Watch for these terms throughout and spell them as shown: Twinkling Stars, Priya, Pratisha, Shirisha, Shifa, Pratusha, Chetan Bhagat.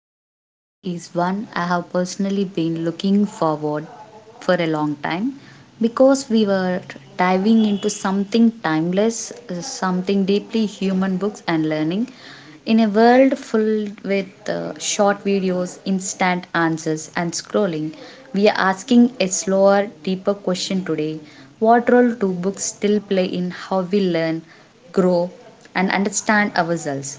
Today's episode is one I have personally been looking forward for a long time because we were diving into something timeless, something deeply human books and learning. In a world filled with short videos, instant answers, and scrolling, we are asking a slower, deeper question today. What role do books still play in how we learn, grow, and understand ourselves?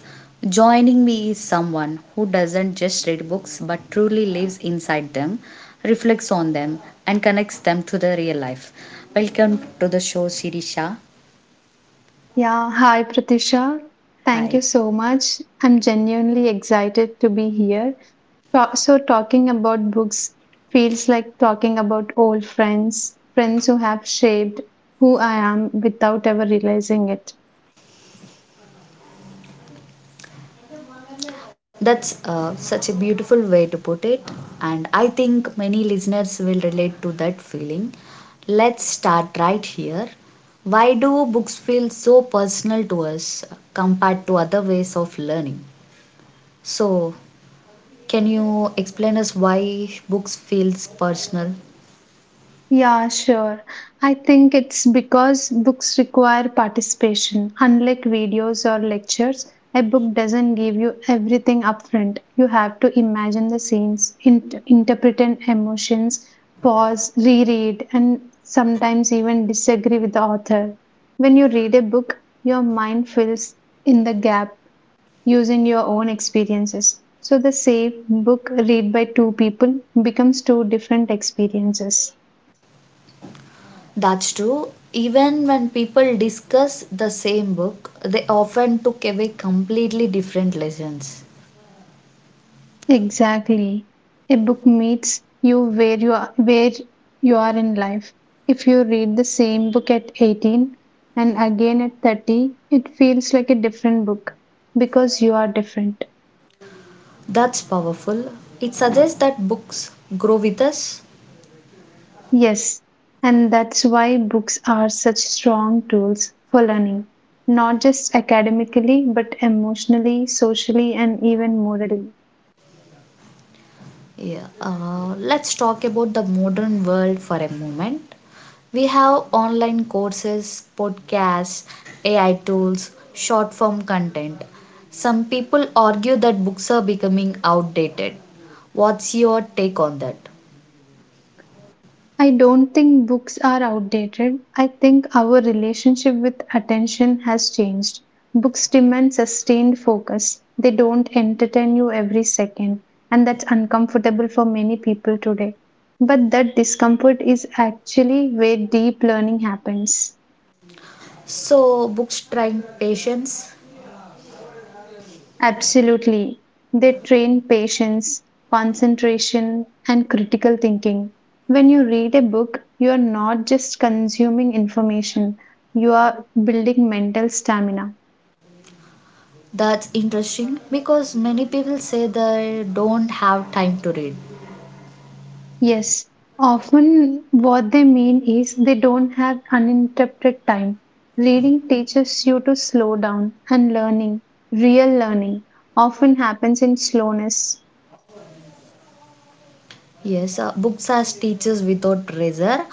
Joining me is someone who doesn't just read books but truly lives inside them, reflects on them, and connects them to the real life. Welcome to the show, Shirisha. Yeah, hi Pratisha. Thank you Hi. so much. I'm genuinely excited to be here. Talking about books feels like talking about old friends, friends who have shaped who I am without ever realizing it. That's such a beautiful way to put it, and I think many listeners will relate to that feeling. Let's start right here. Why do books feel so personal to us compared to other ways of learning? So, can you explain us why books feels personal? Yeah, sure. I think it's because books require participation. Unlike videos or lectures, a book doesn't give you everything upfront. You have to imagine the scenes, interpret and emotions, pause, reread, and sometimes even disagree with the author. When you read a book, your mind fills in the gap using your own experiences. So the same book read by two people becomes two different experiences. That's true. Even when people discuss the same book, they often took away completely different lessons. Exactly. A book meets you where you are in life. If you read the same book at 18 and again at 30, it feels like a different book because you are different. That's powerful. It suggests that books grow with us. Yes, and that's why books are such strong tools for learning, not just academically, but emotionally, socially, and even morally. Yeah. Let's talk about the modern world for a moment. We have online courses, podcasts, AI tools, short form content. Some people argue that books are becoming outdated. What's your take on that? I don't think books are outdated. I think our relationship with attention has changed. Books demand sustained focus, they don't entertain you every second, and that's uncomfortable for many people today. But that discomfort is actually where deep learning happens. So, books trying patience. Absolutely. They train patience, concentration, and critical thinking. When you read a book, you are not just consuming information, you are building mental stamina. That's interesting because many people say they don't have time to read. Yes, often what they mean is they don't have uninterrupted time. Reading teaches you to slow down, and learning, real learning, often happens in slowness. Yes, books as teachers without pressure.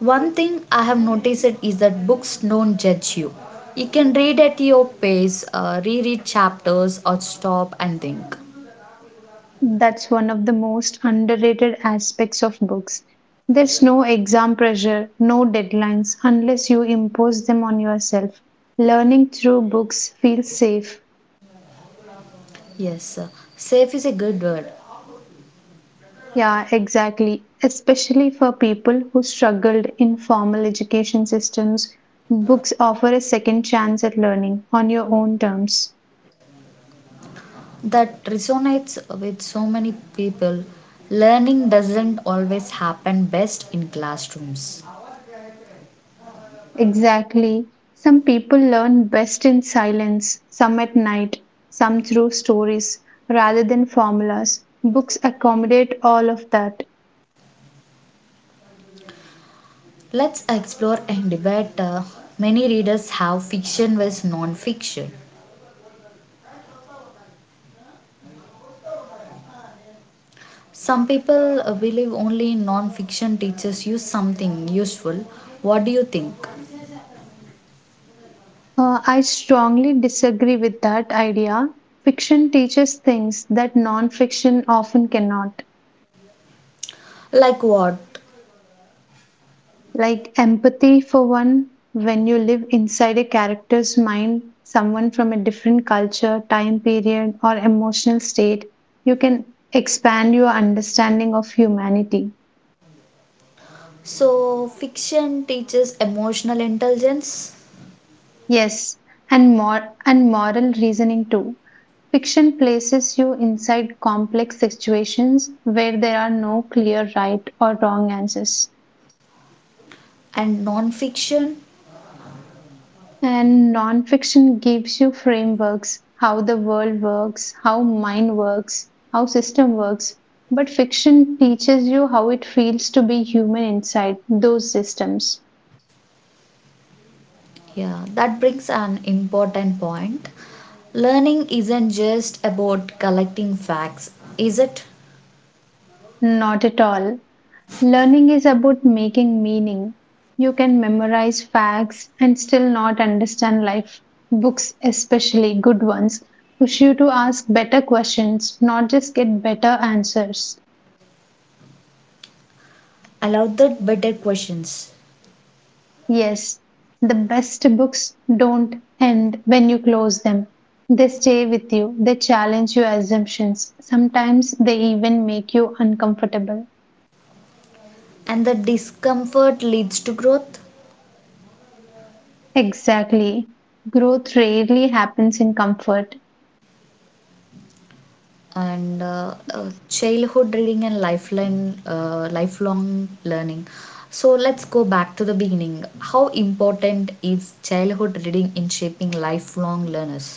One thing I have noticed it is that books don't judge you. You can read at your pace, reread chapters, or stop and think. That's one of the most underrated aspects of books. There's no exam pressure, no deadlines unless you impose them on yourself. Learning through books feels safe. Yes, safe is a good word Yeah, exactly. Especially for people who struggled in formal education systems, books offer a second chance at learning on your own terms. that resonates with so many people. Learning doesn't always happen best in classrooms. Exactly. Some people learn best in silence, some at night, some through stories rather than formulas. Books accommodate all of that. Let's explore and debate. Many readers have fiction versus non fiction. Some people believe only non fiction teaches you something useful. What do you think? I strongly disagree with that idea. Fiction teaches things that non fiction often cannot, Like what? like empathy, for one. When you live inside a character's mind, someone from a different culture, time period, or emotional state, you can expand your understanding of humanity. So, fiction teaches emotional intelligence Yes, and moral reasoning too. Fiction places you inside complex situations where there are no clear right or wrong answers. and non fiction. And non-fiction gives you frameworks, how the world works, how mind works, how system works. But fiction teaches you how it feels to be human inside those systems. Yeah, that brings an important point. Learning isn't just about collecting facts, is it? Not at all. Learning is about making meaning. You can memorize facts and still not understand life. Books, especially good ones, push you to ask better questions, not just get better answers. Allow the better questions. Yes, the best books don't end when you close them. They stay with you, they challenge your assumptions. Sometimes they even make you uncomfortable. And the discomfort leads to growth. Exactly. Growth rarely happens in comfort. And Childhood reading and lifeline lifelong learning. So let's go back to the beginning. How important is childhood reading in shaping lifelong learners?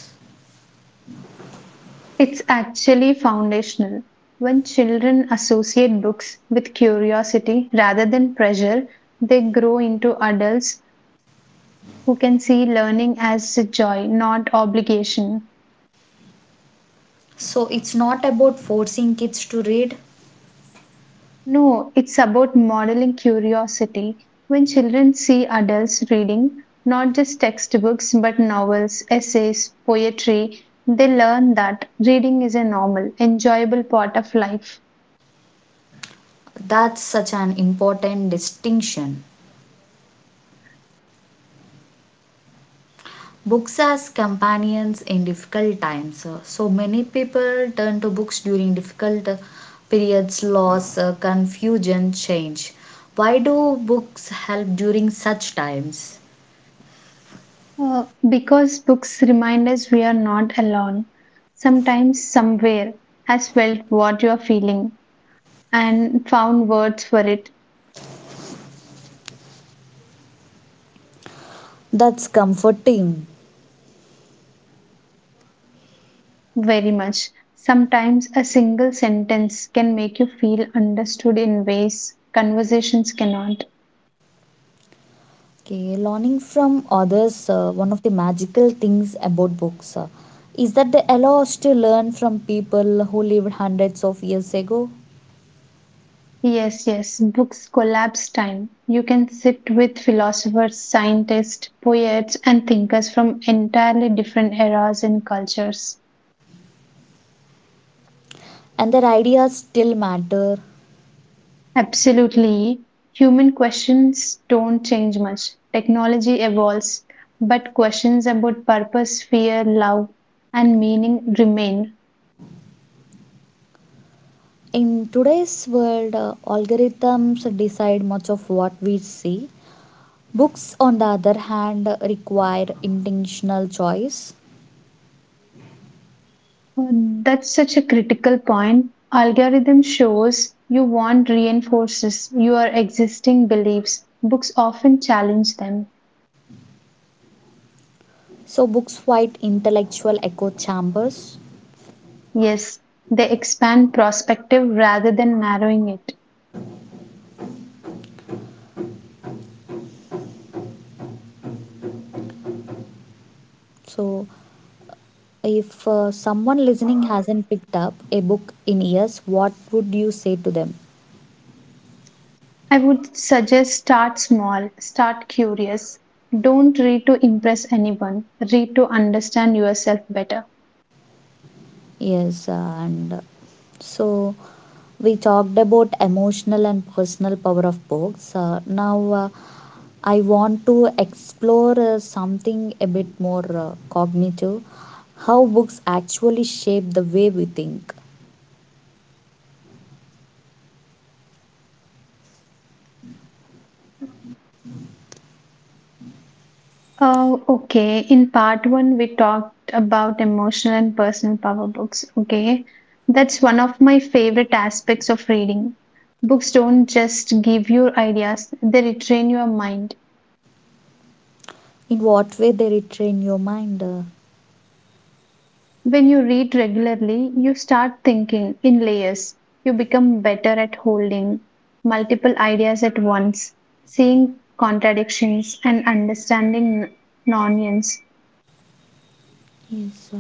It's actually foundational. When children associate books with curiosity rather than pressure, they grow into adults who can see learning as a joy, not obligation. So it's not about forcing kids to read. No, it's about modeling curiosity. When children see adults reading not just textbooks but novels, essays, poetry, they learn that reading is a normal, enjoyable part of life. That's such an important distinction. Books as companions in difficult times. So many people turn to books during difficult periods, loss, confusion, change. Why do books help during such times? Because books remind us we are not alone. Sometimes somewhere has felt what you are feeling and found words for it That's comforting. very much. Sometimes a single sentence can make you feel understood in ways conversations cannot. Okay, learning from others, one of the magical things about books is that they allow us to learn from people who lived hundreds of years ago, Yes, yes, books collapse time. You can sit with philosophers, scientists, poets, and thinkers from entirely different eras and cultures. and their ideas still matter. Absolutely. Human questions don't change much. Technology evolves, but questions about purpose, fear, love, and meaning remain. In today's world, algorithms decide much of what we see. Books, on the other hand, require intentional choice. Uh, That's such a critical point. Algorithm shows you want reinforces your existing beliefs. Books often challenge them. So, books fight intellectual echo chambers. Yes, they expand perspective rather than narrowing it. So, if someone listening hasn't picked up a book in years, what would you say to them? I would suggest start small, start curious. Don't read to impress anyone, read to understand yourself better. Yes, and so we talked about emotional and personal power of books. Now I want to explore something a bit more cognitive. How books actually shape the way we think, Okay, in part one, we talked about emotional and personal power books. Okay, that's one of my favorite aspects of reading. Books don't just give you ideas, they retrain your mind. in what way they retrain your mind. When you read regularly, you start thinking in layers. You become better at holding multiple ideas at once, seeing contradictions, and understanding nonsense. yes, uh,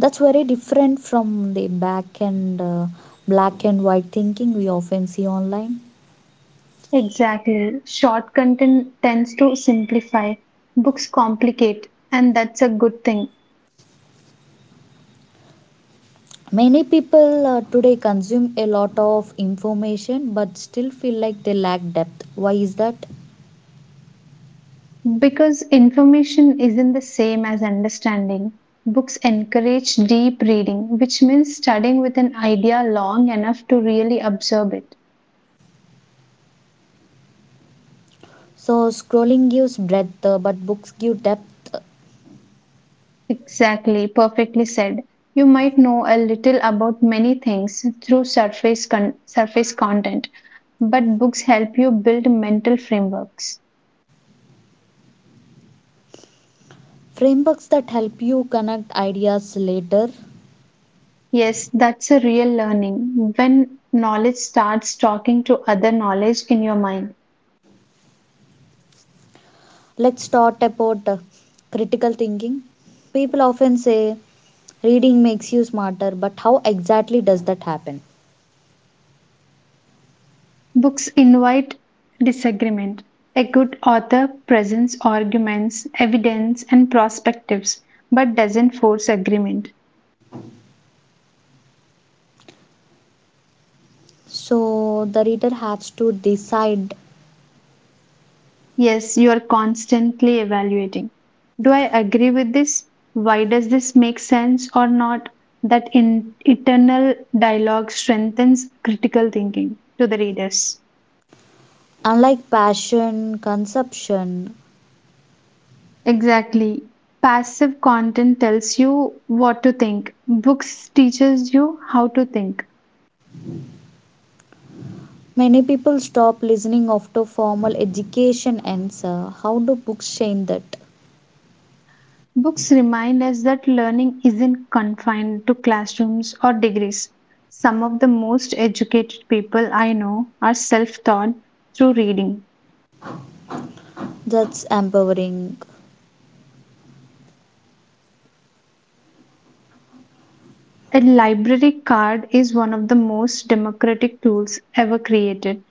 that's very different from the back and black and white thinking we often see online. Exactly. Short content tends to simplify, books complicate, and that's a good thing. Many people today consume a lot of information but still feel like they lack depth. Why is that? Because information isn't the same as understanding. Books encourage deep reading, which means studying with an idea long enough to really absorb it. So, scrolling gives breadth, but books give depth, Exactly, perfectly said. You might know a little about many things through surface content, but books help you build mental frameworks. frameworks that help you connect ideas later. Yes, that's a real learning when knowledge starts talking to other knowledge in your mind. Let's talk about critical thinking. People often say reading makes you smarter, but how exactly does that happen? Books invite disagreement. A good author presents arguments, evidence, and perspectives, but doesn't force agreement. So the reader has to decide. Yes, you are constantly evaluating. Do I agree with this? Why does this make sense or not? That in eternal dialogue strengthens critical thinking to the readers. Unlike passion consumption, Exactly. Passive content tells you what to think. Books teaches you how to think. many people stop listening after formal education ends. How do books change that? Books remind us that learning isn't confined to classrooms or degrees. Some of the most educated people I know are self-taught through reading. That's empowering. A library card is one of the most democratic tools ever created.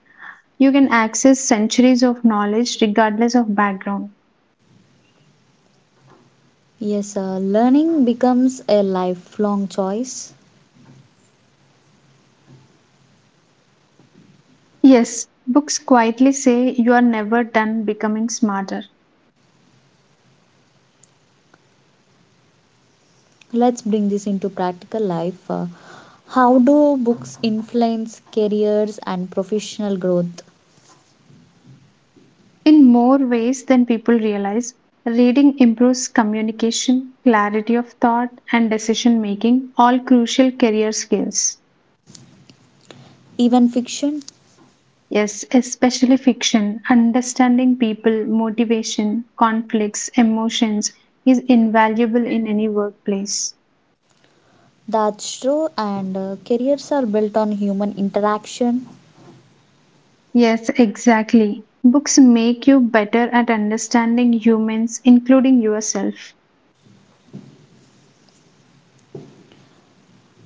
You can access centuries of knowledge regardless of background. Yes, learning becomes a lifelong choice. Yes, books quietly say you are never done becoming smarter. Let's bring this into practical life. How do books influence careers and professional growth? In more ways than people realize, reading improves communication, clarity of thought, and decision making, all crucial career skills. Even fiction? Yes, especially fiction. Understanding people, motivation, conflicts, emotions is invaluable in any workplace. That's true, and careers are built on human interaction. Yes, exactly. Books make you better at understanding humans, including yourself.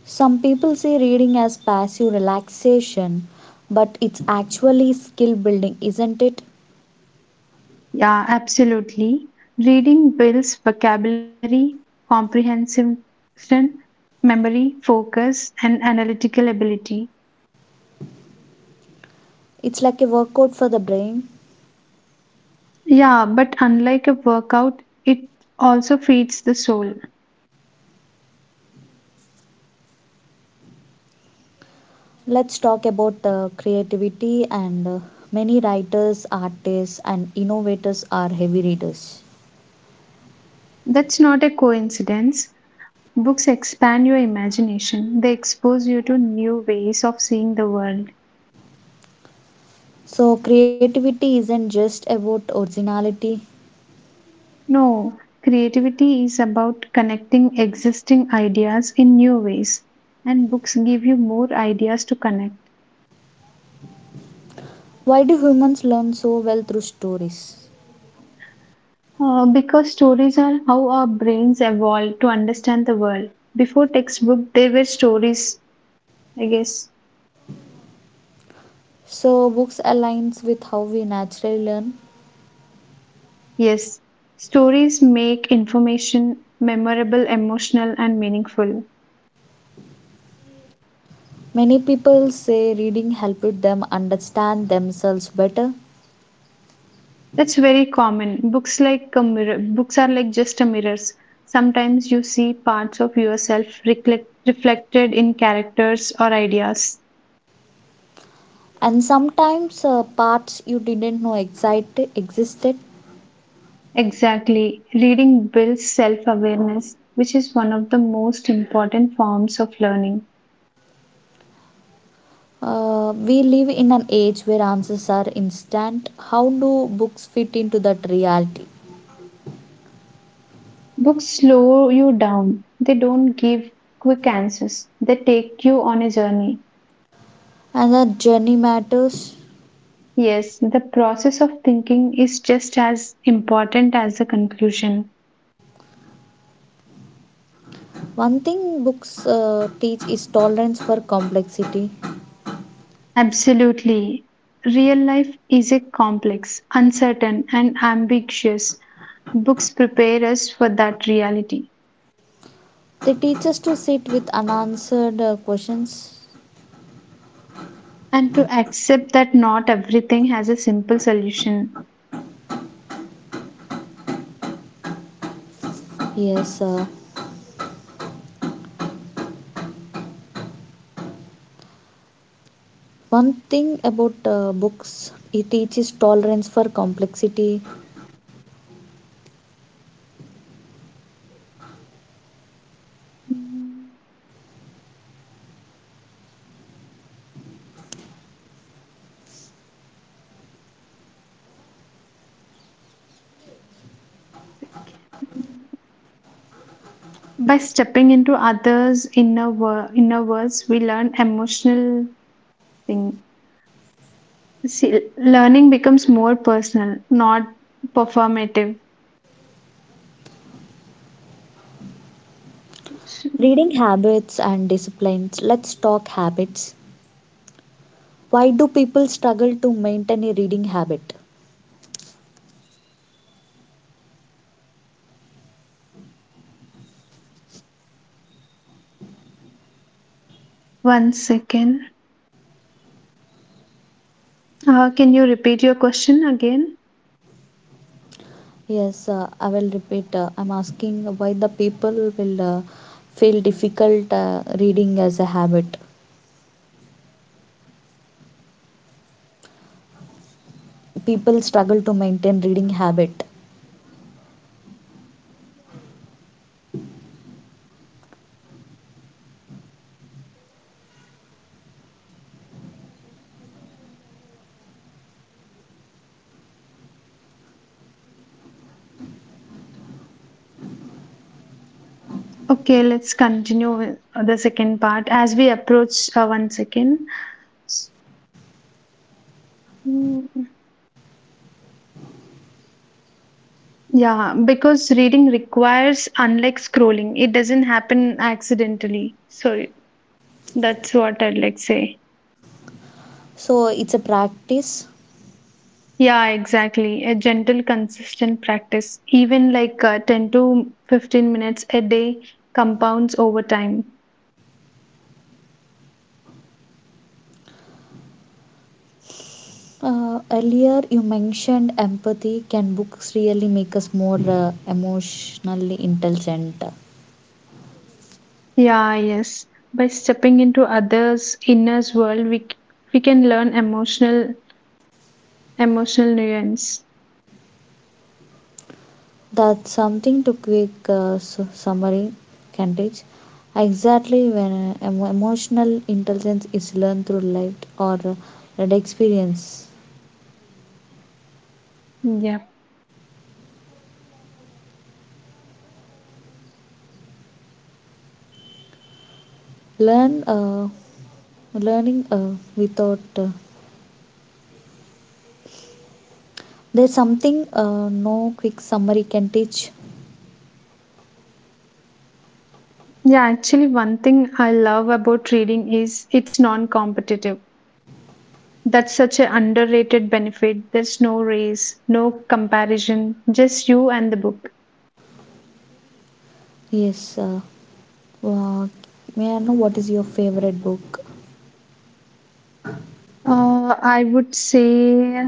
Some people see reading as passive relaxation, but it's actually skill building, isn't it? Yeah, absolutely. Reading builds vocabulary, comprehension, memory, focus, and analytical ability. It's like a workout for the brain. Yeah, but unlike a workout, it also feeds the soul. Let's talk about creativity, and many writers, artists, and innovators are heavy readers. That's not a coincidence. Books expand your imagination, they expose you to new ways of seeing the world. So, creativity isn't just about originality. No, creativity is about connecting existing ideas in new ways, and books give you more ideas to connect. Why do humans learn so well through stories? Because stories are how our brains evolve to understand the world. Before textbook, there were stories, I guess. So, books aligns with how we naturally learn. Yes, stories make information memorable, emotional, and meaningful. Many people say reading helped them understand themselves better, That's very common. Books like a mirror. Books are like just a mirrors. Sometimes you see parts of yourself reflected in characters or ideas. and sometimes parts you didn't know exit- existed. Exactly. Reading builds self-awareness, which is one of the most important forms of learning. We live in an age where answers are instant. How do books fit into that reality? Books slow you down. They don't give quick answers. They take you on a journey. And that journey matters. Yes, the process of thinking is just as important as the conclusion. One thing books teach is tolerance for complexity. Absolutely. Real life is a complex, uncertain, and ambiguous. Books prepare us for that reality They teach us to sit with unanswered questions. and to accept that not everything has a simple solution. Yes, one thing about books, it teaches tolerance for complexity. By stepping into others' inner worlds, we learn emotional thing. See, learning becomes more personal, not performative. Reading habits and disciplines. Let's talk habits. Why do people struggle to maintain a reading habit? One second. Can you repeat your question again? Yes, I will repeat. I'm asking why the people will feel difficult reading as a habit, people struggle to maintain reading habit. Okay, let's continue with the second part as we approach one second. mm, Yeah, because reading requires, unlike scrolling, it doesn't happen accidentally. So that's what I'd like say. So it's a practice. Yeah, exactly. A gentle, consistent practice, even like 10 to 15 minutes a day, compounds over time. Earlier you mentioned empathy. Can books really make us more emotionally intelligent? Yeah, yes. By stepping into others' inner's world, we can learn emotional nuance. That's something summary can teach. Exactly when emotional intelligence is learned through life or lived experience, Yeah. learn uh, learning without there's something no quick summary can teach. Yeah, actually one thing I love about trading is it's non-competitive. That's such an underrated benefit. There's no race, no comparison, just you and the book. Yes. Uh, may I know what is your favorite book? I would say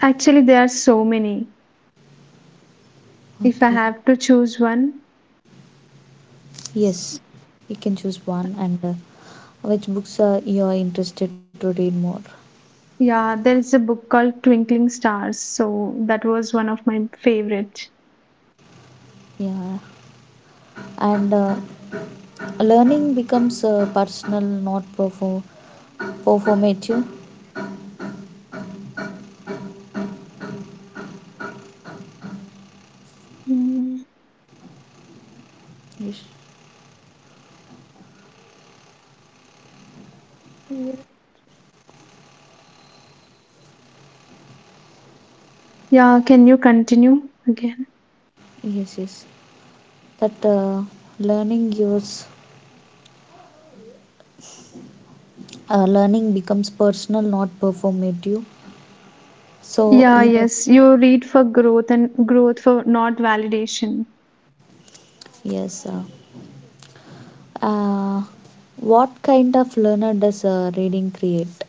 actually there are so many. If I Okay. have to choose one, Yes. You can choose one, and which books are you are interested to read more? yeah, there is a book called Twinkling Stars. So that was one of my favorite. Yeah. And learning becomes personal, not perform performative. Mm, Yes. Yeah, can you continue again? Yes. Yes. That Learning yours. Learning becomes personal, not performative. So Yeah, you know. yes, you read for growth and growth for not validation. Yes. Uh, what kind of learner does reading create?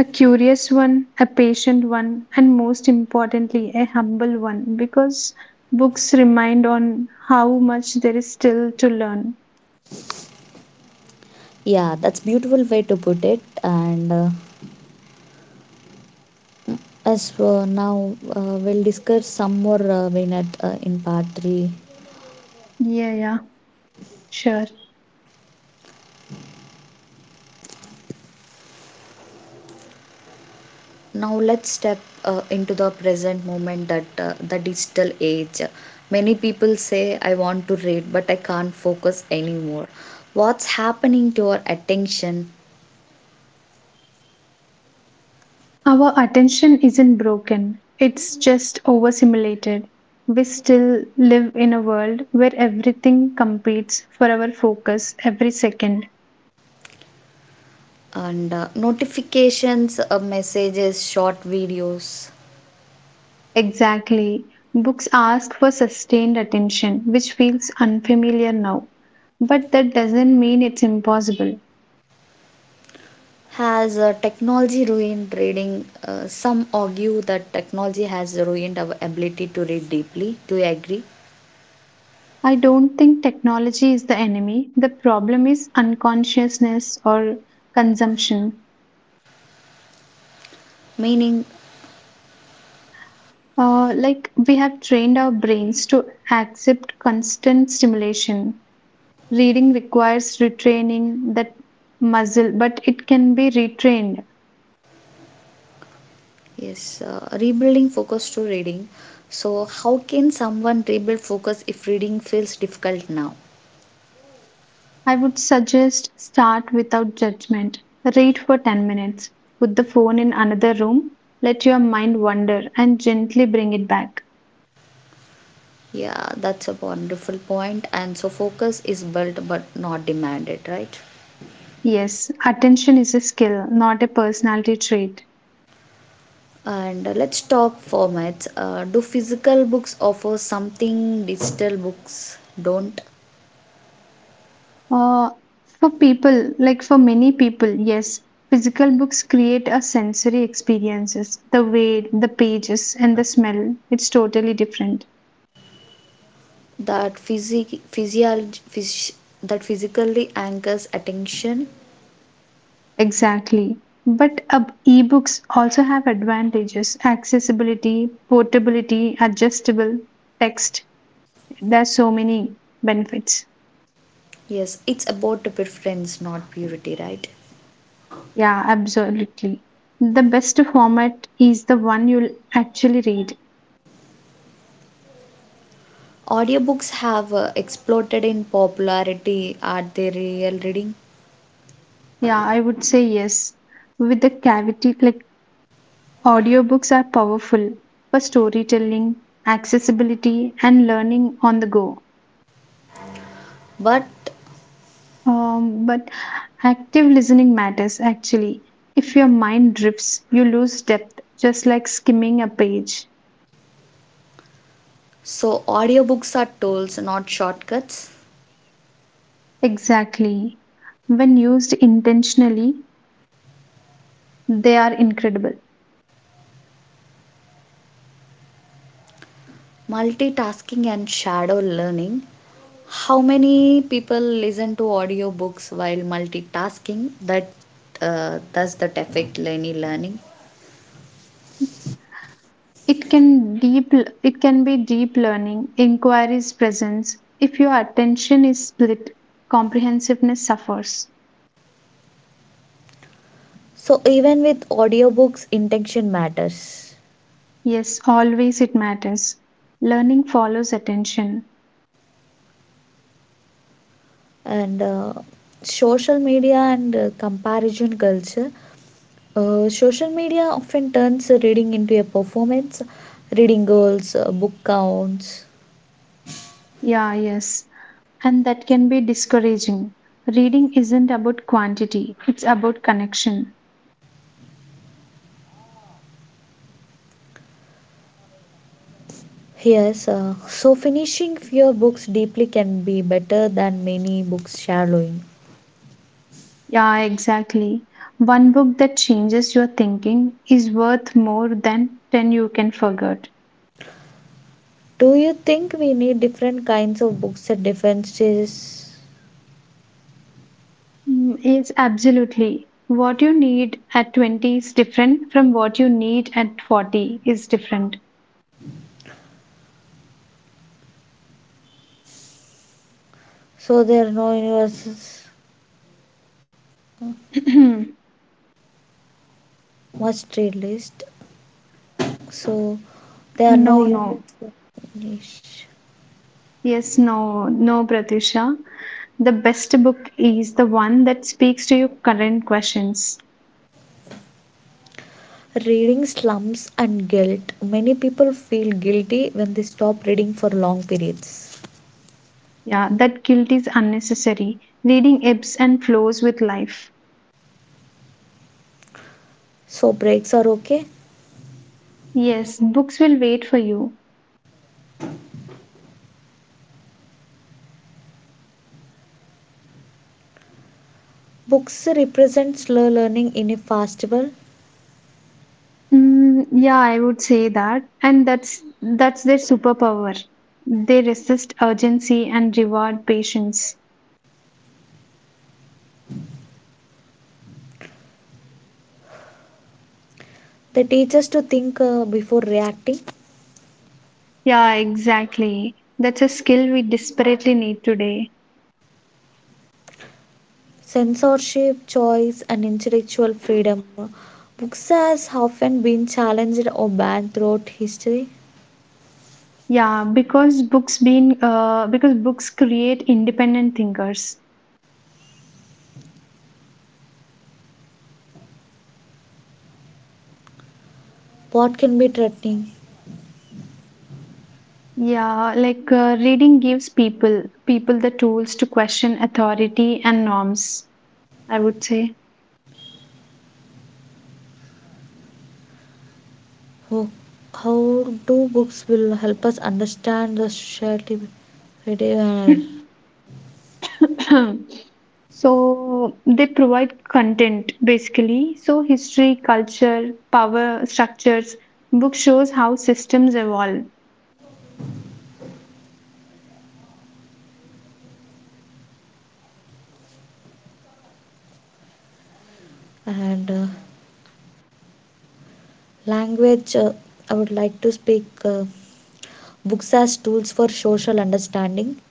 A curious one, a patient one, and most importantly, a humble one because books remind on how much there is still to learn. Yeah, that's beautiful way to put it. And as now we'll discuss some more Vinat, in part three. Yeah, yeah, sure. Now let's step into the present moment, that the digital age. Many people say I want to read but I can't focus anymore. What's happening to our attention Our attention isn't broken, it's just overstimulated. We still live in a world where everything competes for our focus every second. and notifications, messages, short videos? Exactly. Books ask for sustained attention, which feels unfamiliar now. But that doesn't mean it's impossible. Has technology ruined reading? Some argue that technology has ruined our ability to read deeply. Do you agree? I don't think technology is the enemy. The problem is unconsciousness or consumption. Meaning, Like, we have trained our brains to accept constant stimulation. Reading requires retraining that muscle, but it can be retrained. yes, rebuilding focus to reading. So, how can someone rebuild focus if reading feels difficult now? I would suggest start without judgment. Read for 10 minutes. Put the phone in another room. Let your mind wander and gently bring it back. Yeah, that's a wonderful point. And so, focus is built but not demanded, right? Yes, attention is a skill, not a personality trait. And let's talk formats. Do physical books offer something digital books don't? Uh, for people, like for many people, yes, physical books create a sensory experiences. The weight, the pages, and the smell. It's totally different. that physic physiology phys that physically anchors attention. Exactly. But ebooks also have advantages accessibility, portability, adjustable text. There's so many benefits. Yes, it's about preference not purity, right? Yeah, absolutely. The best format is the one you'll actually read. Audiobooks have exploded in popularity. Are they real reading? Yeah, I would say yes. With the cavity, like audiobooks are powerful for storytelling, accessibility, and learning on the go. But But active listening matters actually. If your mind drifts, you lose depth, just like skimming a page. so audiobooks are tools, not shortcuts. Exactly. When used intentionally, they are incredible. Multitasking and shadow learning. How many people listen to audiobooks while multitasking, that's that affect any learning? It can deep it can be deep learning, inquiries presence. If your attention is split, comprehensiveness suffers. So even with audiobooks, intention matters. Yes, always it matters. Learning follows attention. And social media and comparison culture. Social media often turns reading into a performance, reading goals, book counts. Yeah, yes, and that can be discouraging. Reading isn't about quantity, it's about connection. Yes, so finishing fewer books deeply can be better than many books shallowing. Yeah, exactly. One book that changes your thinking is worth more than 10 you can forget. Do you think we need different kinds of books at different stages? Yes, absolutely. What you need at 20 is different from what you need at 40 is different. So there are no universal No, must read list. So there are no no. units. Yes, no, no, Pratusha. The best book is the one that speaks to your current questions. Reading slumps and guilt. Many people feel guilty when they stop reading for long periods. Yeah, that guilt is unnecessary. Reading ebbs and flows with life. So breaks are okay. Yes, books will wait for you. Books represent slow learning in a fast world. Yeah, I would say that, and that's their superpower. They resist urgency and reward patience. They teach us to think before reacting. Yeah, exactly. That's a skill we desperately need today. Censorship, choice, and intellectual freedom. Books has often been challenged or banned throughout history. Yeah, because books create independent thinkers. What can be threatening? Yeah, like reading gives people the tools to question authority and norms, I would say. How, how do books will help us understand the society, and, So they provide content basically. So history, culture, power structures. Book shows how systems evolve. and language? I would like to speak books as tools for social understanding.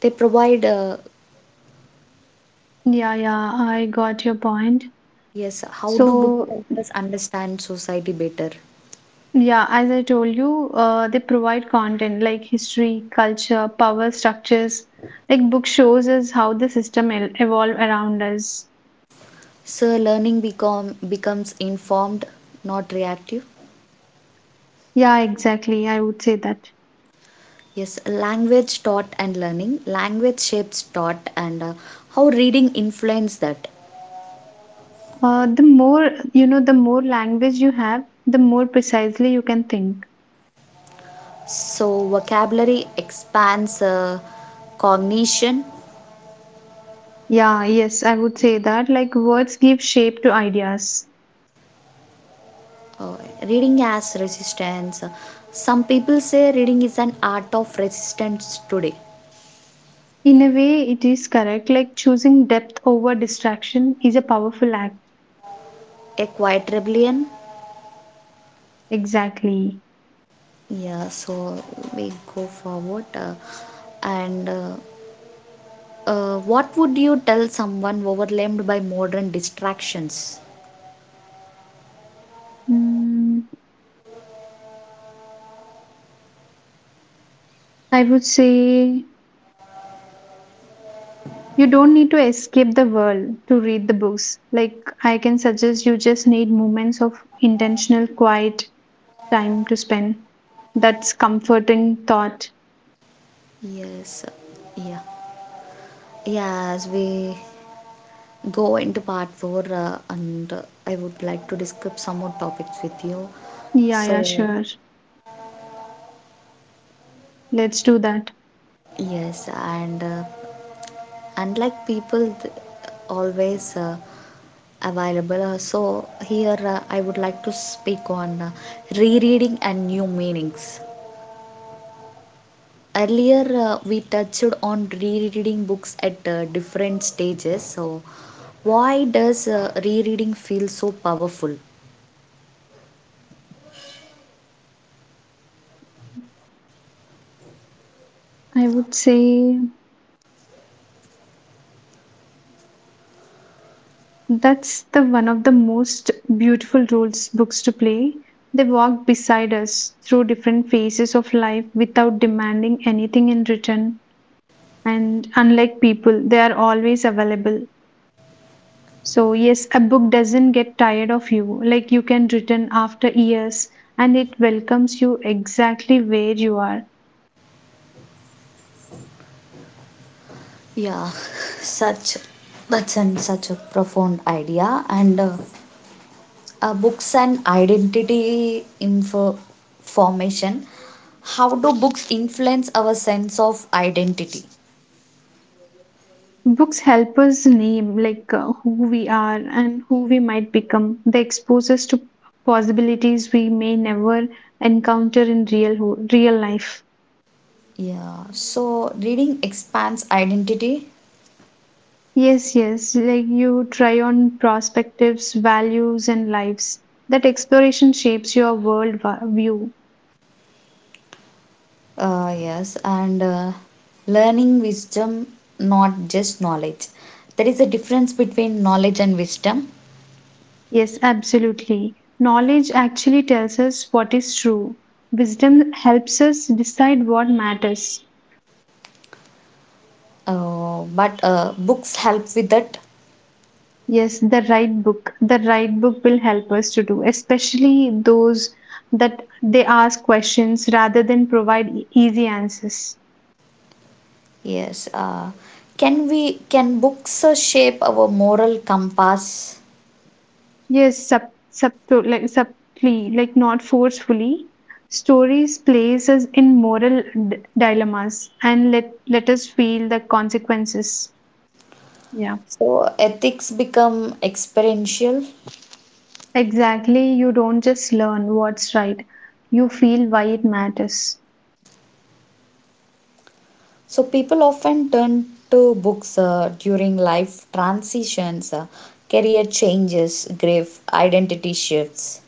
They provide, Yeah, yeah, I got your point. yes, how do books So, help us understand society better? yeah, as I told you, they provide content like history, culture, power structures. Like book shows us how the evolve around us. So, becomes informed, not reactive. Yeah, exactly. I would say that. Yes, language, thought, and learning. Language shapes thought, and how reading influence that. The more you know, the more language you have, the more precisely you can think. So, vocabulary expands cognition, Yeah, yes, I would say that. Like words give shape to ideas. uh, reading as resistance. Some people say reading is an art of resistance today. In a way, it is correct. Like choosing depth over distraction is a powerful act. A quiet rebellion. Exactly. Yeah, so we go forward. And What would you tell someone overwhelmed by modern distractions? Mm, I would say you don't need to escape the world to read the books. Like I can suggest you just need moments of intentional quiet time to spend. That's comforting thought. Yes, yeah. Yeah, as we go into part 4, and I would like to discuss some more topics with you. Yeah, so yeah, sure. Let's do that. yes and uh, always available, so here I would like to speak on rereading and new meanings. Earlier we touched on rereading books at different stages. So why does rereading feel so powerful? I would say that's the one of the most beautiful roles books to play. They walk beside us through different phases of life without demanding anything in return. And unlike people, they are always available. So yes, a book doesn't get tired of you. Like you can return after years and it welcomes you exactly where you are. Yeah, such such a profound idea. And books and identity info formation. How do books influence our sense of identity? Books help us name, like who we are and who we might become. They expose us to possibilities we may never encounter in real life. Yeah, so reading expands identity. Yes, yes, like you try on perspectives, values and lives. That exploration shapes your view. Yes, and learning wisdom, not just knowledge. There is a difference between knowledge and wisdom. Yes, absolutely. Knowledge actually tells us what is true. Wisdom helps us decide what matters. But books help with that. Yes, the right book. The right book will help us to do, especially those that they ask questions rather than provide easy answers. Yes. Can books shape our moral compass? Yes, like subtly, like not forcefully. Stories place us in moral dilemmas and let us feel the consequences. Yeah, So ethics become experiential. exactly. You don't just learn what's right; you feel why it matters. So people often turn to books during life transitions, career changes, grave identity shifts,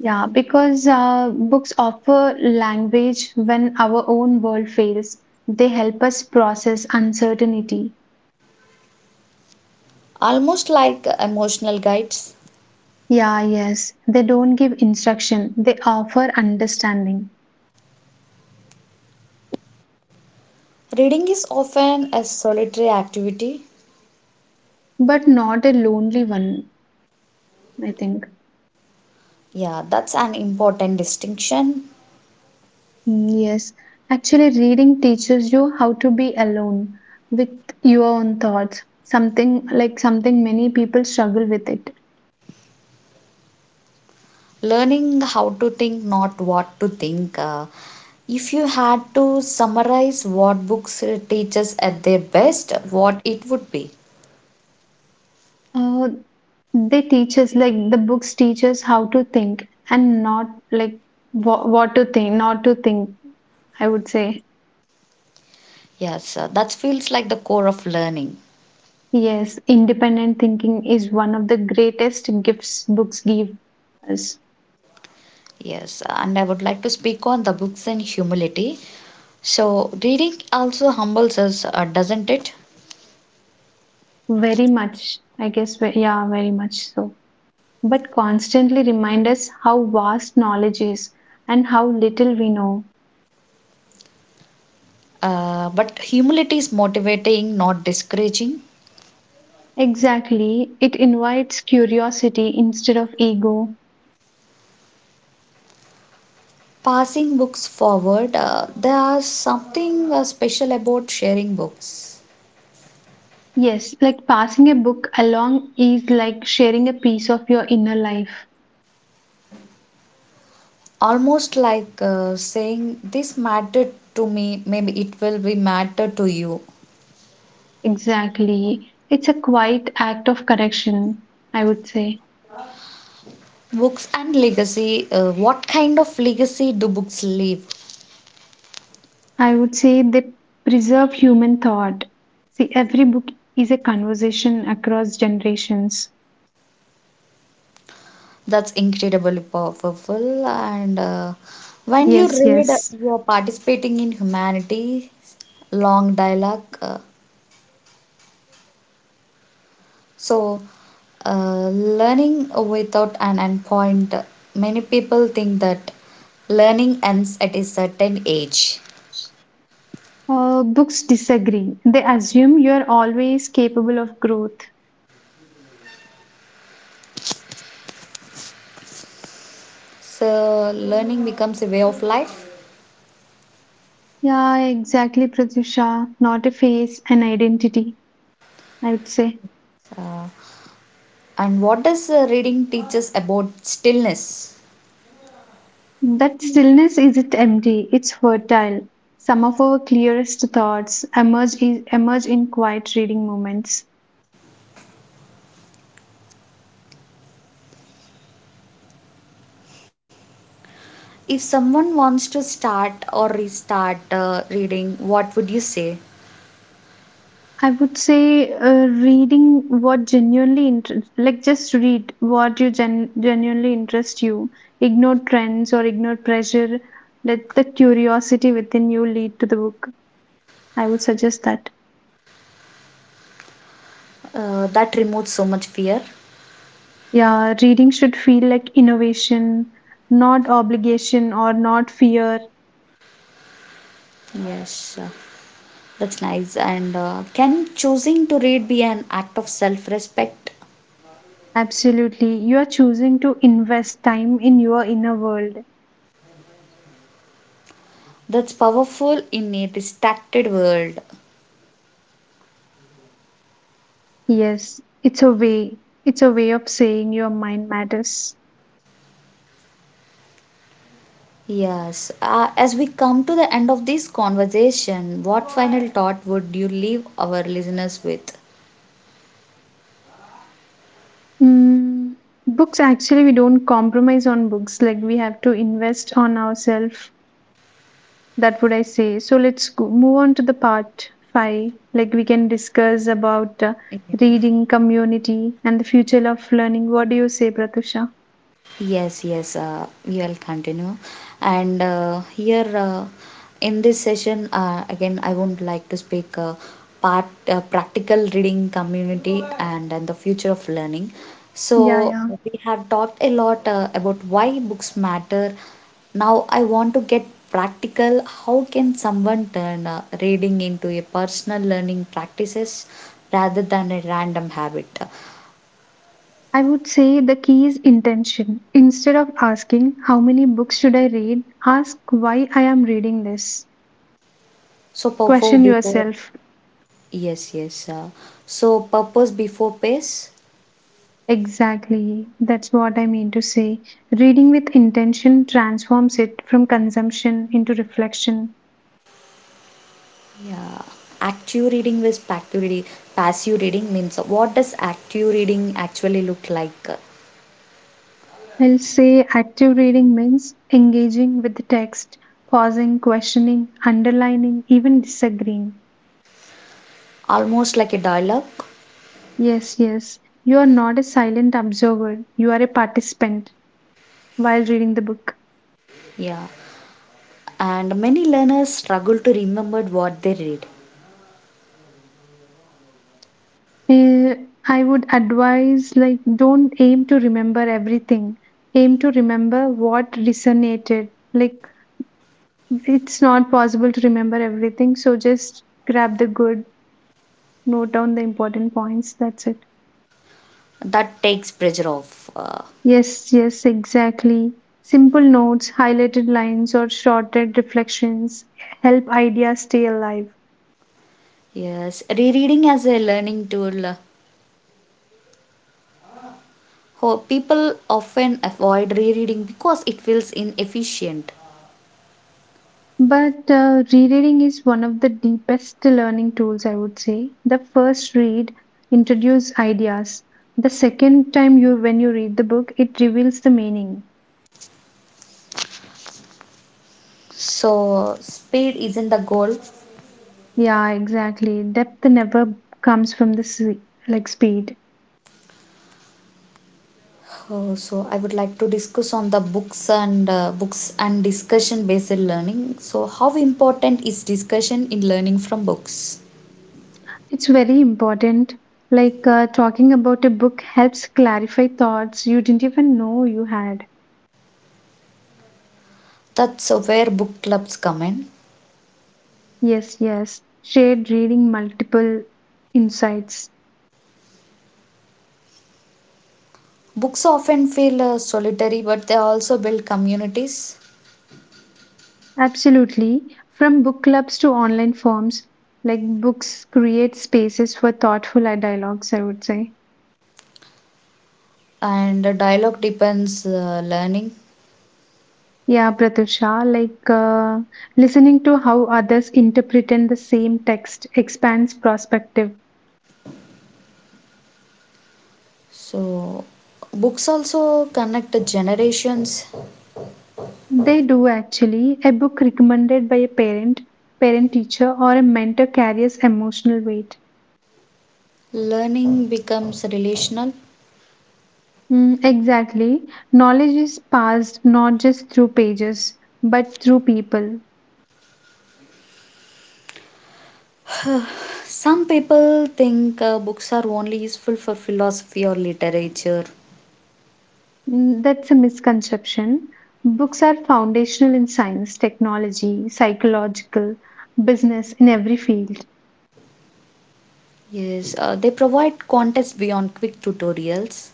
Yeah, because books offer language when our own world fails. They help us process uncertainty. almost like emotional guides. Yeah, yes, they don't give instruction, they offer understanding, Reading is often a solitary activity. but not a lonely one, I think. Yeah, that's an important distinction. Yes, actually, reading teaches you how to be alone with your own thoughts, something many people struggle with it. Learning how to think, not what to think. If you had to summarize what books teaches at their best, what it would be? Uh, the books teach us how to think and not like what to think, not to think, I would say. Yes, that feels like the core of learning. Yes, independent thinking is one of the greatest gifts books give us. Yes, and I would like to speak on the books and humility. So reading also humbles us, doesn't it? Very much, I guess. Yeah, very much so. But constantly remind us how vast knowledge is and how little we know. But humility is motivating, not discouraging. Exactly, it invites curiosity instead of ego. Passing books forward, there is something special about sharing books. Yes, like passing a book along is like sharing a piece of your inner life. Almost like saying this mattered to me, maybe it will be matter to you. Exactly. It's a quiet act of correction, I would say. Books and legacy, what kind of legacy do books leave? I would say they preserve human thought. See, every book is a conversation across generations. That's incredibly powerful. And when you Yes, read, yes. you are participating in humanities long dialogue. So Learning without an endpoint. Many people think that learning ends at a certain age. Books disagree. They assume you are always capable of growth. So learning becomes a way of life. Yeah, exactly, Pratyusha. Not a face, an identity, I would say. Uh, and what does reading teach us about stillness? That stillness isn't empty, it's fertile. Some of our clearest thoughts emerge, I- emerge in quiet reading moments. If someone wants to start or restart reading, what would you say? I would say reading what genuinely interest, like just read what you genuinely interest you. Ignore trends or ignore pressure. Let the curiosity within you lead to the book. I would suggest that. That removes so much fear. Yeah, reading should feel like innovation, not obligation or not fear. Yes, that's nice. And can choosing to read be an act of self respect? Absolutely. You are choosing to invest time in your inner world. That's powerful in a distracted world. Yes, it's a way. It's a way of saying your mind matters. Yes, as we come to the end of this conversation, what final thought would you leave our listeners with? Mm, Books, actually, we don't compromise on books. Like, we have to invest on ourselves. That would I say. So, let's go, move on to the part five. Like, we can discuss about reading, community, and the future of learning. What do you say, Pratusha? Yes, yes, you'll continue. And here, in this session, again, I would like to speak part practical reading community and the future of learning. Yeah, So yeah. we have talked a lot about why books matter. Now I want to get practical. How can someone turn reading into a personal learning practices rather than a random habit? I would say the key is intention. Instead of asking, how many books should I read? Ask why I am reading this. So before Question before yourself. Yes, yes. So purpose before pace. Exactly. That's what I mean to say. Reading with intention transforms it from consumption into reflection. Yeah. Active reading, passive reading means, what does active reading actually look like? I'll say active reading means engaging with the text, pausing, questioning, underlining, even disagreeing. Almost like a dialogue. Yes, yes. You are not a silent observer, you are a participant while reading the book. Yeah. And many learners struggle to remember what they read. Eh, I would advise, like, don't aim to remember everything. Aim to remember what resonated. Like it's not possible to remember everything, so just grab the good, note down the important points. That's it. That takes pressure off. Uh, Yes, yes, exactly. Simple notes, highlighted lines, or shorted reflections help ideas stay alive. yes. Rereading as a learning tool. People often avoid rereading because it feels inefficient. But Rereading is one of the deepest learning tools, I would say. The first read introduces ideas. The second time you when you read the book, it reveals the meaning. So speed isn't the goal. Yeah, exactly. Depth never comes from the like speed. So I would like to discuss on the books and discussion based learning. So how important is discussion in learning from books? It's very important. Like talking about a book helps clarify thoughts you didn't even know you had. That's where book clubs come in. Yes, yes. Shared reading multiple insights. Books often feel solitary, but they also build communities. Absolutely. From book clubs to online forums, like books create spaces for thoughtful dialogues, I would say. And dialogue depends learning. Yeah, Pratusha, like listening to how others interpret the same text expands perspective. So books also connect the generations. They do actually. A book recommended by a parent, parent teacher, or a mentor carries emotional weight. Learning becomes relational. Exactly. Knowledge is passed not just through pages, but through people. Some people think books are only useful for philosophy or literature. That's a misconception. Books are foundational in science, technology, psychological, business, in every field. Yes, they provide context beyond quick tutorials.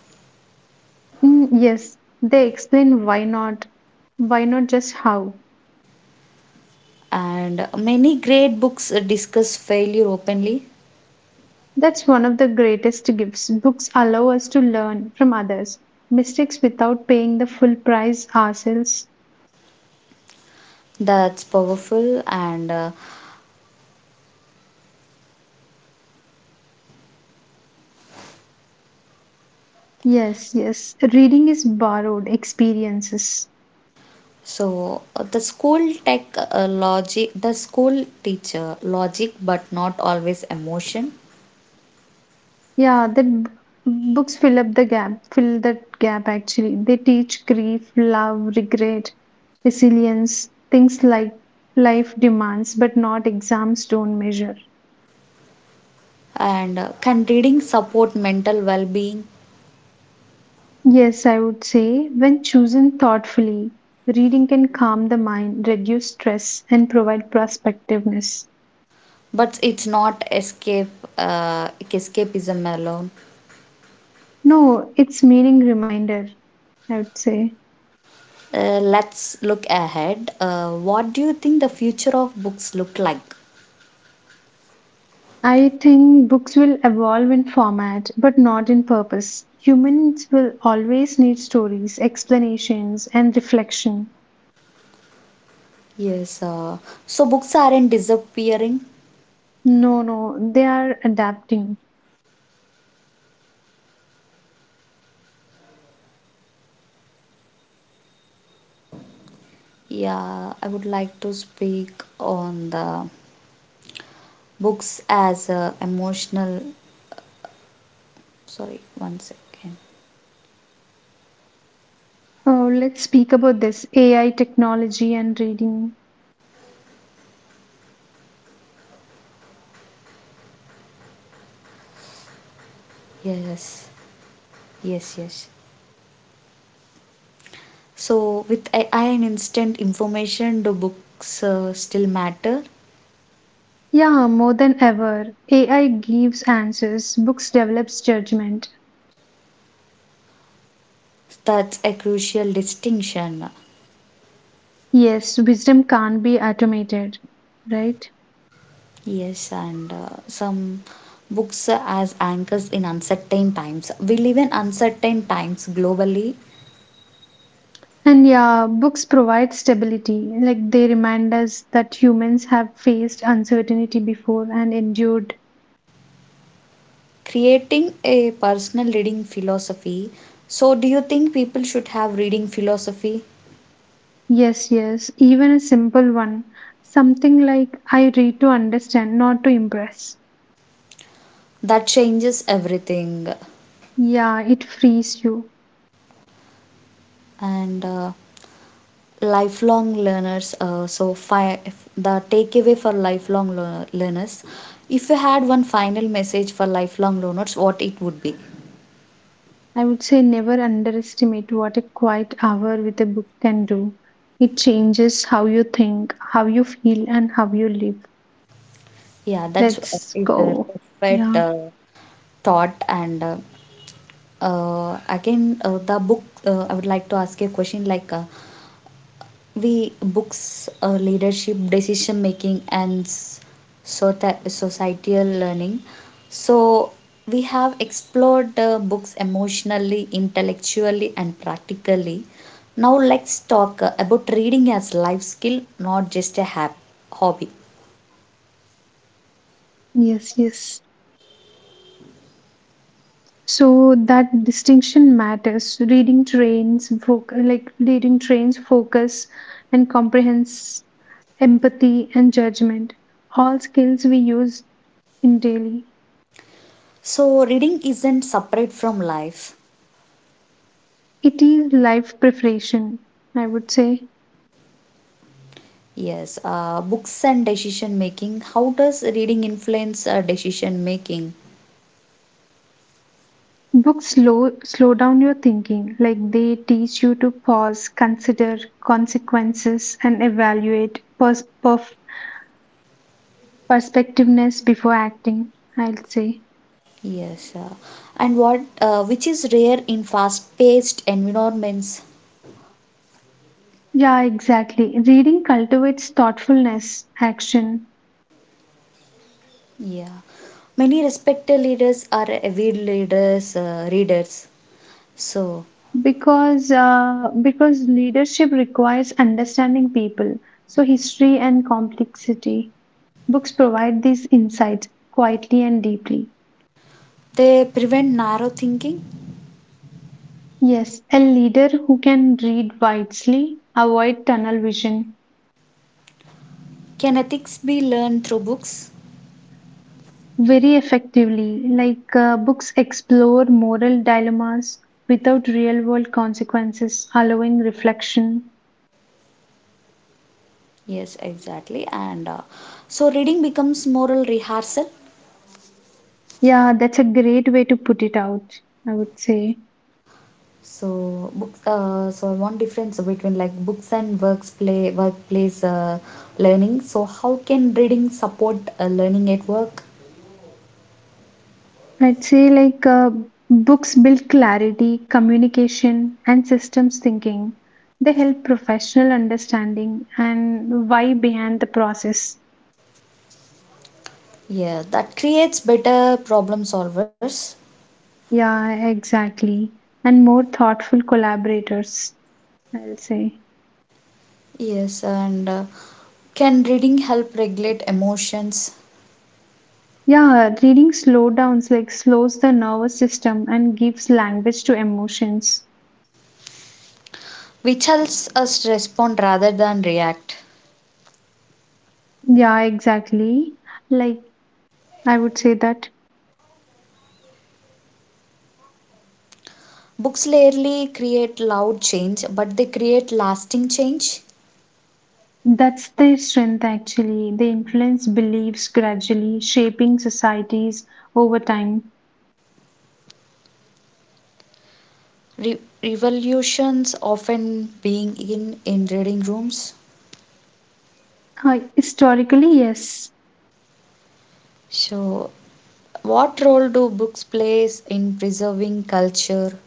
Yes, they explain why not just how. And many great books discuss failure openly. That's one of the greatest gifts. Books allow us to learn from others, mistakes without paying the full price ourselves. That's powerful, and uh, Yes, yes. Reading is borrowed experiences. so uh, the school tech, logic, the school teacher logic, but not always emotion. Yeah, books fill that gap actually. They teach grief, love, regret, resilience, things like life demands, but not exams don't measure. And can reading support mental well-being? Yes, I would say when chosen thoughtfully, reading can calm the mind, reduce stress, and provide prospectiveness. But it's not escape, escapism alone. No, it's meaning reminder, I would say. Let's look ahead. What do you think the future of books look like? I think books will evolve in format, but not in purpose. Humans will always need stories, explanations, and reflection. Yes, so books aren't disappearing. No, no, they are adapting. Yeah, I would like to speak on the books as a emotional. Sorry, one second. Oh, let's speak about this AI technology and reading. Yes, yes, yes. So with AI and instant information, do books still matter? Yeah, more than ever, AI gives answers, books develops judgment. That's a crucial distinction. Yes, wisdom can't be automated, right? Yes, and some books as anchors in uncertain times. We live in uncertain times globally. And yeah, books provide stability. Like they remind us that humans have faced uncertainty before and endured. Creating a personal reading philosophy. So, do you think people should have reading philosophy? Yes, yes, even a simple one. Something like I read to understand, not to impress. That changes everything. Yeah, it frees you. And lifelong learners, the takeaway for learners. If you had one final message for lifelong learners, what it would be? I would say never underestimate what a quiet hour with a book can do. It changes how you think, how you feel, and how you live. Yeah, that's Let's is a go. perfect Yeah, thought. And again, the book, I would like to ask you a question like, we books leadership decision making. And so societal learning. So we have explored books emotionally intellectually and practically. Now let's talk about reading as life skill, not just a hobby. yes, yes. So that distinction matters. Reading trains like reading trains focus and comprehends, empathy and judgment, all skills we use in daily. So reading isn't separate from life. It is life preparation, I would say. Yes, books and decision making. How does reading influence decision making? Books slow down your thinking. Like they teach you to pause, consider consequences and evaluate perspectiveness before acting, I'll say. Yes, and what, which is rare in fast-paced environments. Yeah, exactly. Reading cultivates thoughtfulness, action, Yeah, many respected leaders are avid readers. So because because leadership requires understanding people. So history and complexity. Books provide these insights quietly and deeply. they prevent narrow thinking. Yes, a leader who can read widely, avoid tunnel vision Can ethics be learned through books? very effectively. Like books explore moral dilemmas without real-world consequences, allowing reflection. Yes, exactly. And so reading becomes moral rehearsal. Yeah, that's a great way to put it out, I would say. So books. So one difference between like books and works play workplace learning. So how can reading support learning at work? I'd say like books build clarity, communication, and systems thinking. They help professional understanding and why behind the process. Yeah, that creates better problem solvers. Yeah, exactly. And more thoughtful collaborators, I'll say. Yes, and can reading help regulate emotions, Yeah, reading slowdowns like slows the nervous system and gives language to emotions. which helps us respond rather than react? Yeah, exactly. Like I would say that. Books rarely create loud change, but they create lasting change. That's their strength, actually. They influence beliefs gradually, shaping societies over time. Revolutions often being in reading rooms. Historically, yes, So, what role do books plays in preserving culture?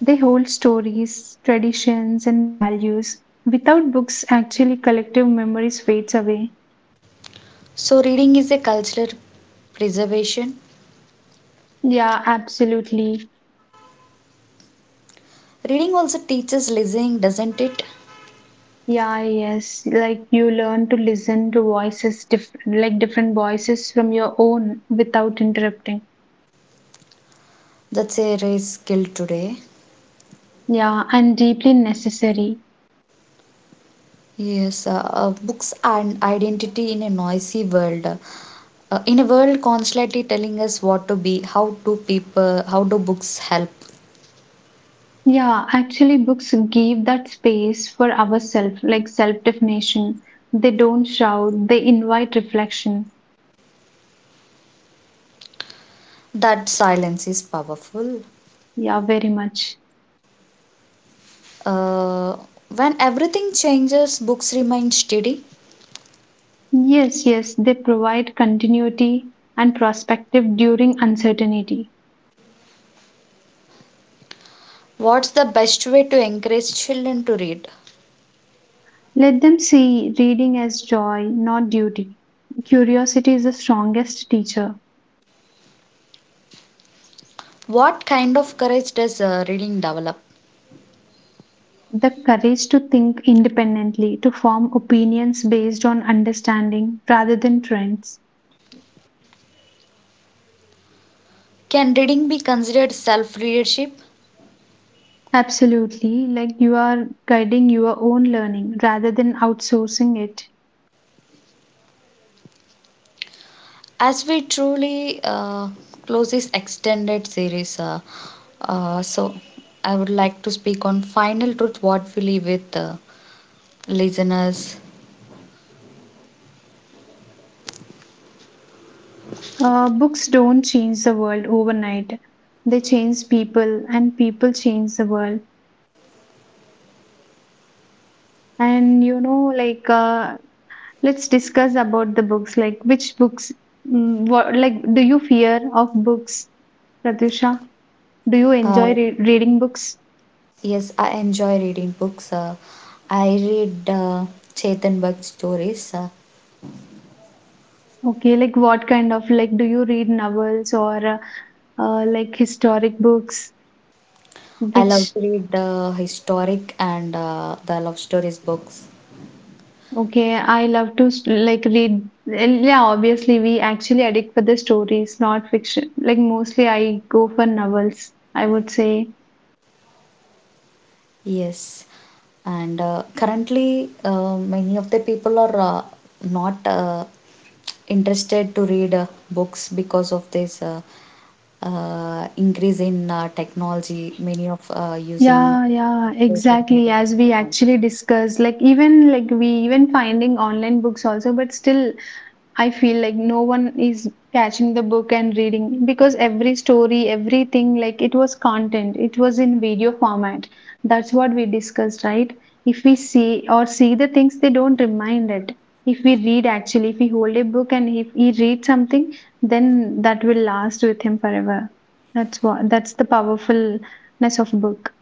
they hold stories, traditions, and values. Without books, actually, collective memories fades away. So, reading is a cultural preservation. Yeah, absolutely. Reading also teaches listening, doesn't it? Yeah, yes. Like you learn to listen to voices, different voices from your own without interrupting. That's a rare skill today. Yeah, and deeply necessary. Yes, books and identity in a noisy world. In a world constantly telling us what to be, how do books help? Yeah, actually, books give that space for ourselves, like self definition. They don't shout, they invite reflection. That silence is powerful. Yeah, very much. Uh, when everything changes, books remain steady. Yes, yes, they provide continuity and perspective during uncertainty. What's the best way to encourage children to read? Let them see reading as joy, not duty. Curiosity is the strongest teacher. What kind of courage does reading develop? The courage to think independently, to form opinions based on understanding rather than trends. Can reading be considered self leadership? Absolutely, like you are guiding your own learning rather than outsourcing it. As we truly close this extended series, so I would like to speak on final truth what we leave with listeners. Books don't change the world overnight, they change people, and people change the world. And you know, like, let's discuss about the books. Like, which books, mm, what, like, do you fear of books, Pratusha? Do you Uh, enjoy reading books? yes, I enjoy reading books. I read Chetan Bhagat stories. Okay, like, what kind of, like, do you read novels or like historic books? I love Which. to read historic and the love stories books. Okay, I love to read. Yeah, obviously, we actually addict for the stories, not fiction. Like, mostly I go for novels, I would say. Yes, and currently many of the people are not interested to read books because of this increase in technology. Many of using Yeah, yeah, social exactly. media As we platforms. actually discussed, like, even like we even finding online books also, but still I feel like no one is catching the book and reading because every story, everything, like it was content, it was in video format. That's what we discussed, right? If we see the things, they don't remind it. If we read, actually, if we hold a book and if he reads something, then that will last with him forever. That's the powerfulness of book.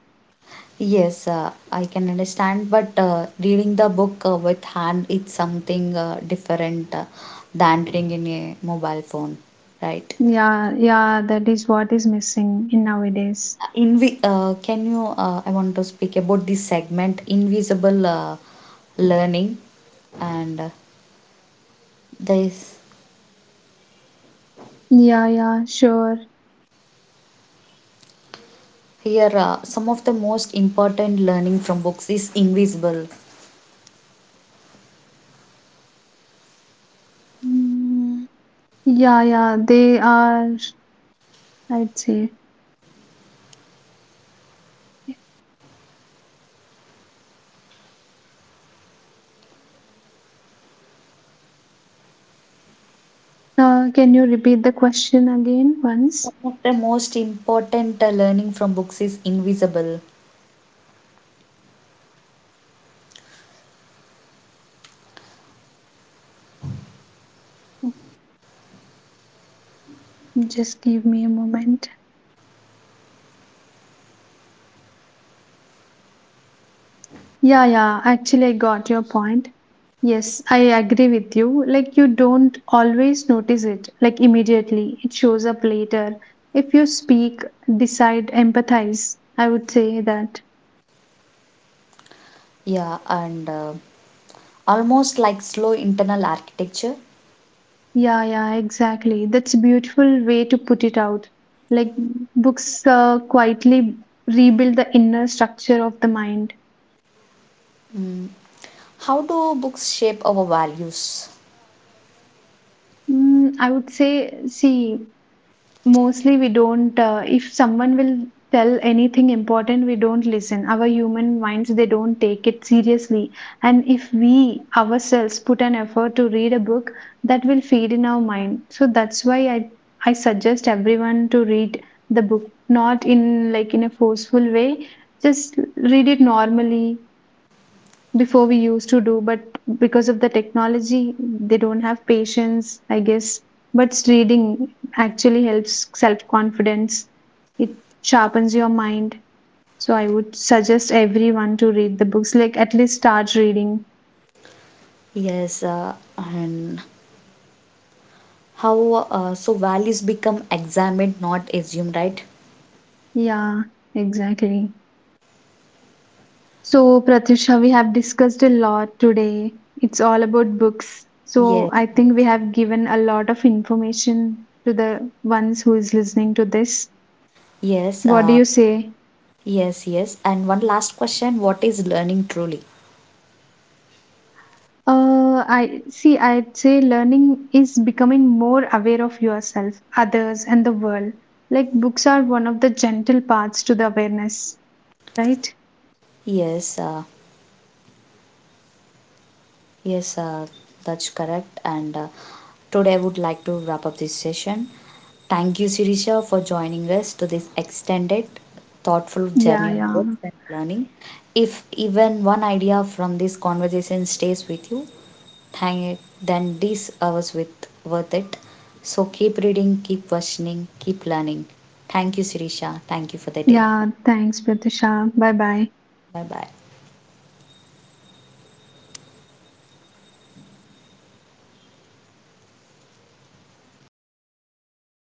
Yes, I can understand, but reading the book with hand it's something different than reading in a mobile phone, right? Yeah, yeah, that is what is missing in nowadays. Can you? I want to speak about this segment, invisible learning, and this Yeah, yeah, sure. here some of the most important learning from books is invisible. Mm. Yeah, yeah, they are, I'd say. Can you repeat the question again Some once? of the most important learning from books is invisible. Just give me a moment. Yeah, yeah, actually, I got your point. Yes, I agree with you. Like, you don't always notice it, like, immediately. It shows up later. If you speak, decide, empathize, I would say that. Yeah, and almost like slow internal architecture. Yeah, yeah, exactly. That's a beautiful way to put it out. Like books quietly rebuild the inner structure of the mind. Mm. How do books shape our values? Mm, I would say, see, mostly we don't, if someone will tell anything important, we don't listen. Our human minds, they don't take it seriously. And if we ourselves put an effort to read a book, that will feed in our mind. So that's why I suggest everyone to read the book, not in a forceful way. Just read it normally before we used to do, but because of the technology they don't have patience, I guess. But reading actually helps self confidence, it sharpens your mind. So I would suggest everyone to read the books, like at least start reading. Yes, and How so values become examined, not assumed, right? Yeah, exactly. So Pratusha, we have discussed a lot today, it's all about books. So Yes, I think we have given a lot of information to the ones who is listening to this. yes, What do you say? yes, yes. And one last question: What is learning truly? I see, I'd say learning is becoming more aware of yourself, others, and the world. Like books are one of the gentle paths to the awareness, right? Yes. Yes, that's correct. And today I would like to wrap up this session. Thank you, Sirisha, for joining us to this extended, thoughtful Yeah, journey on yeah. books and learning. If even one idea from this conversation stays with you, thank then this hours with worth it. So keep reading, keep questioning, keep learning. Thank you, Sirisha. Thank you for the day. Yeah, thanks, Pratisha. Bye bye. Bye bye.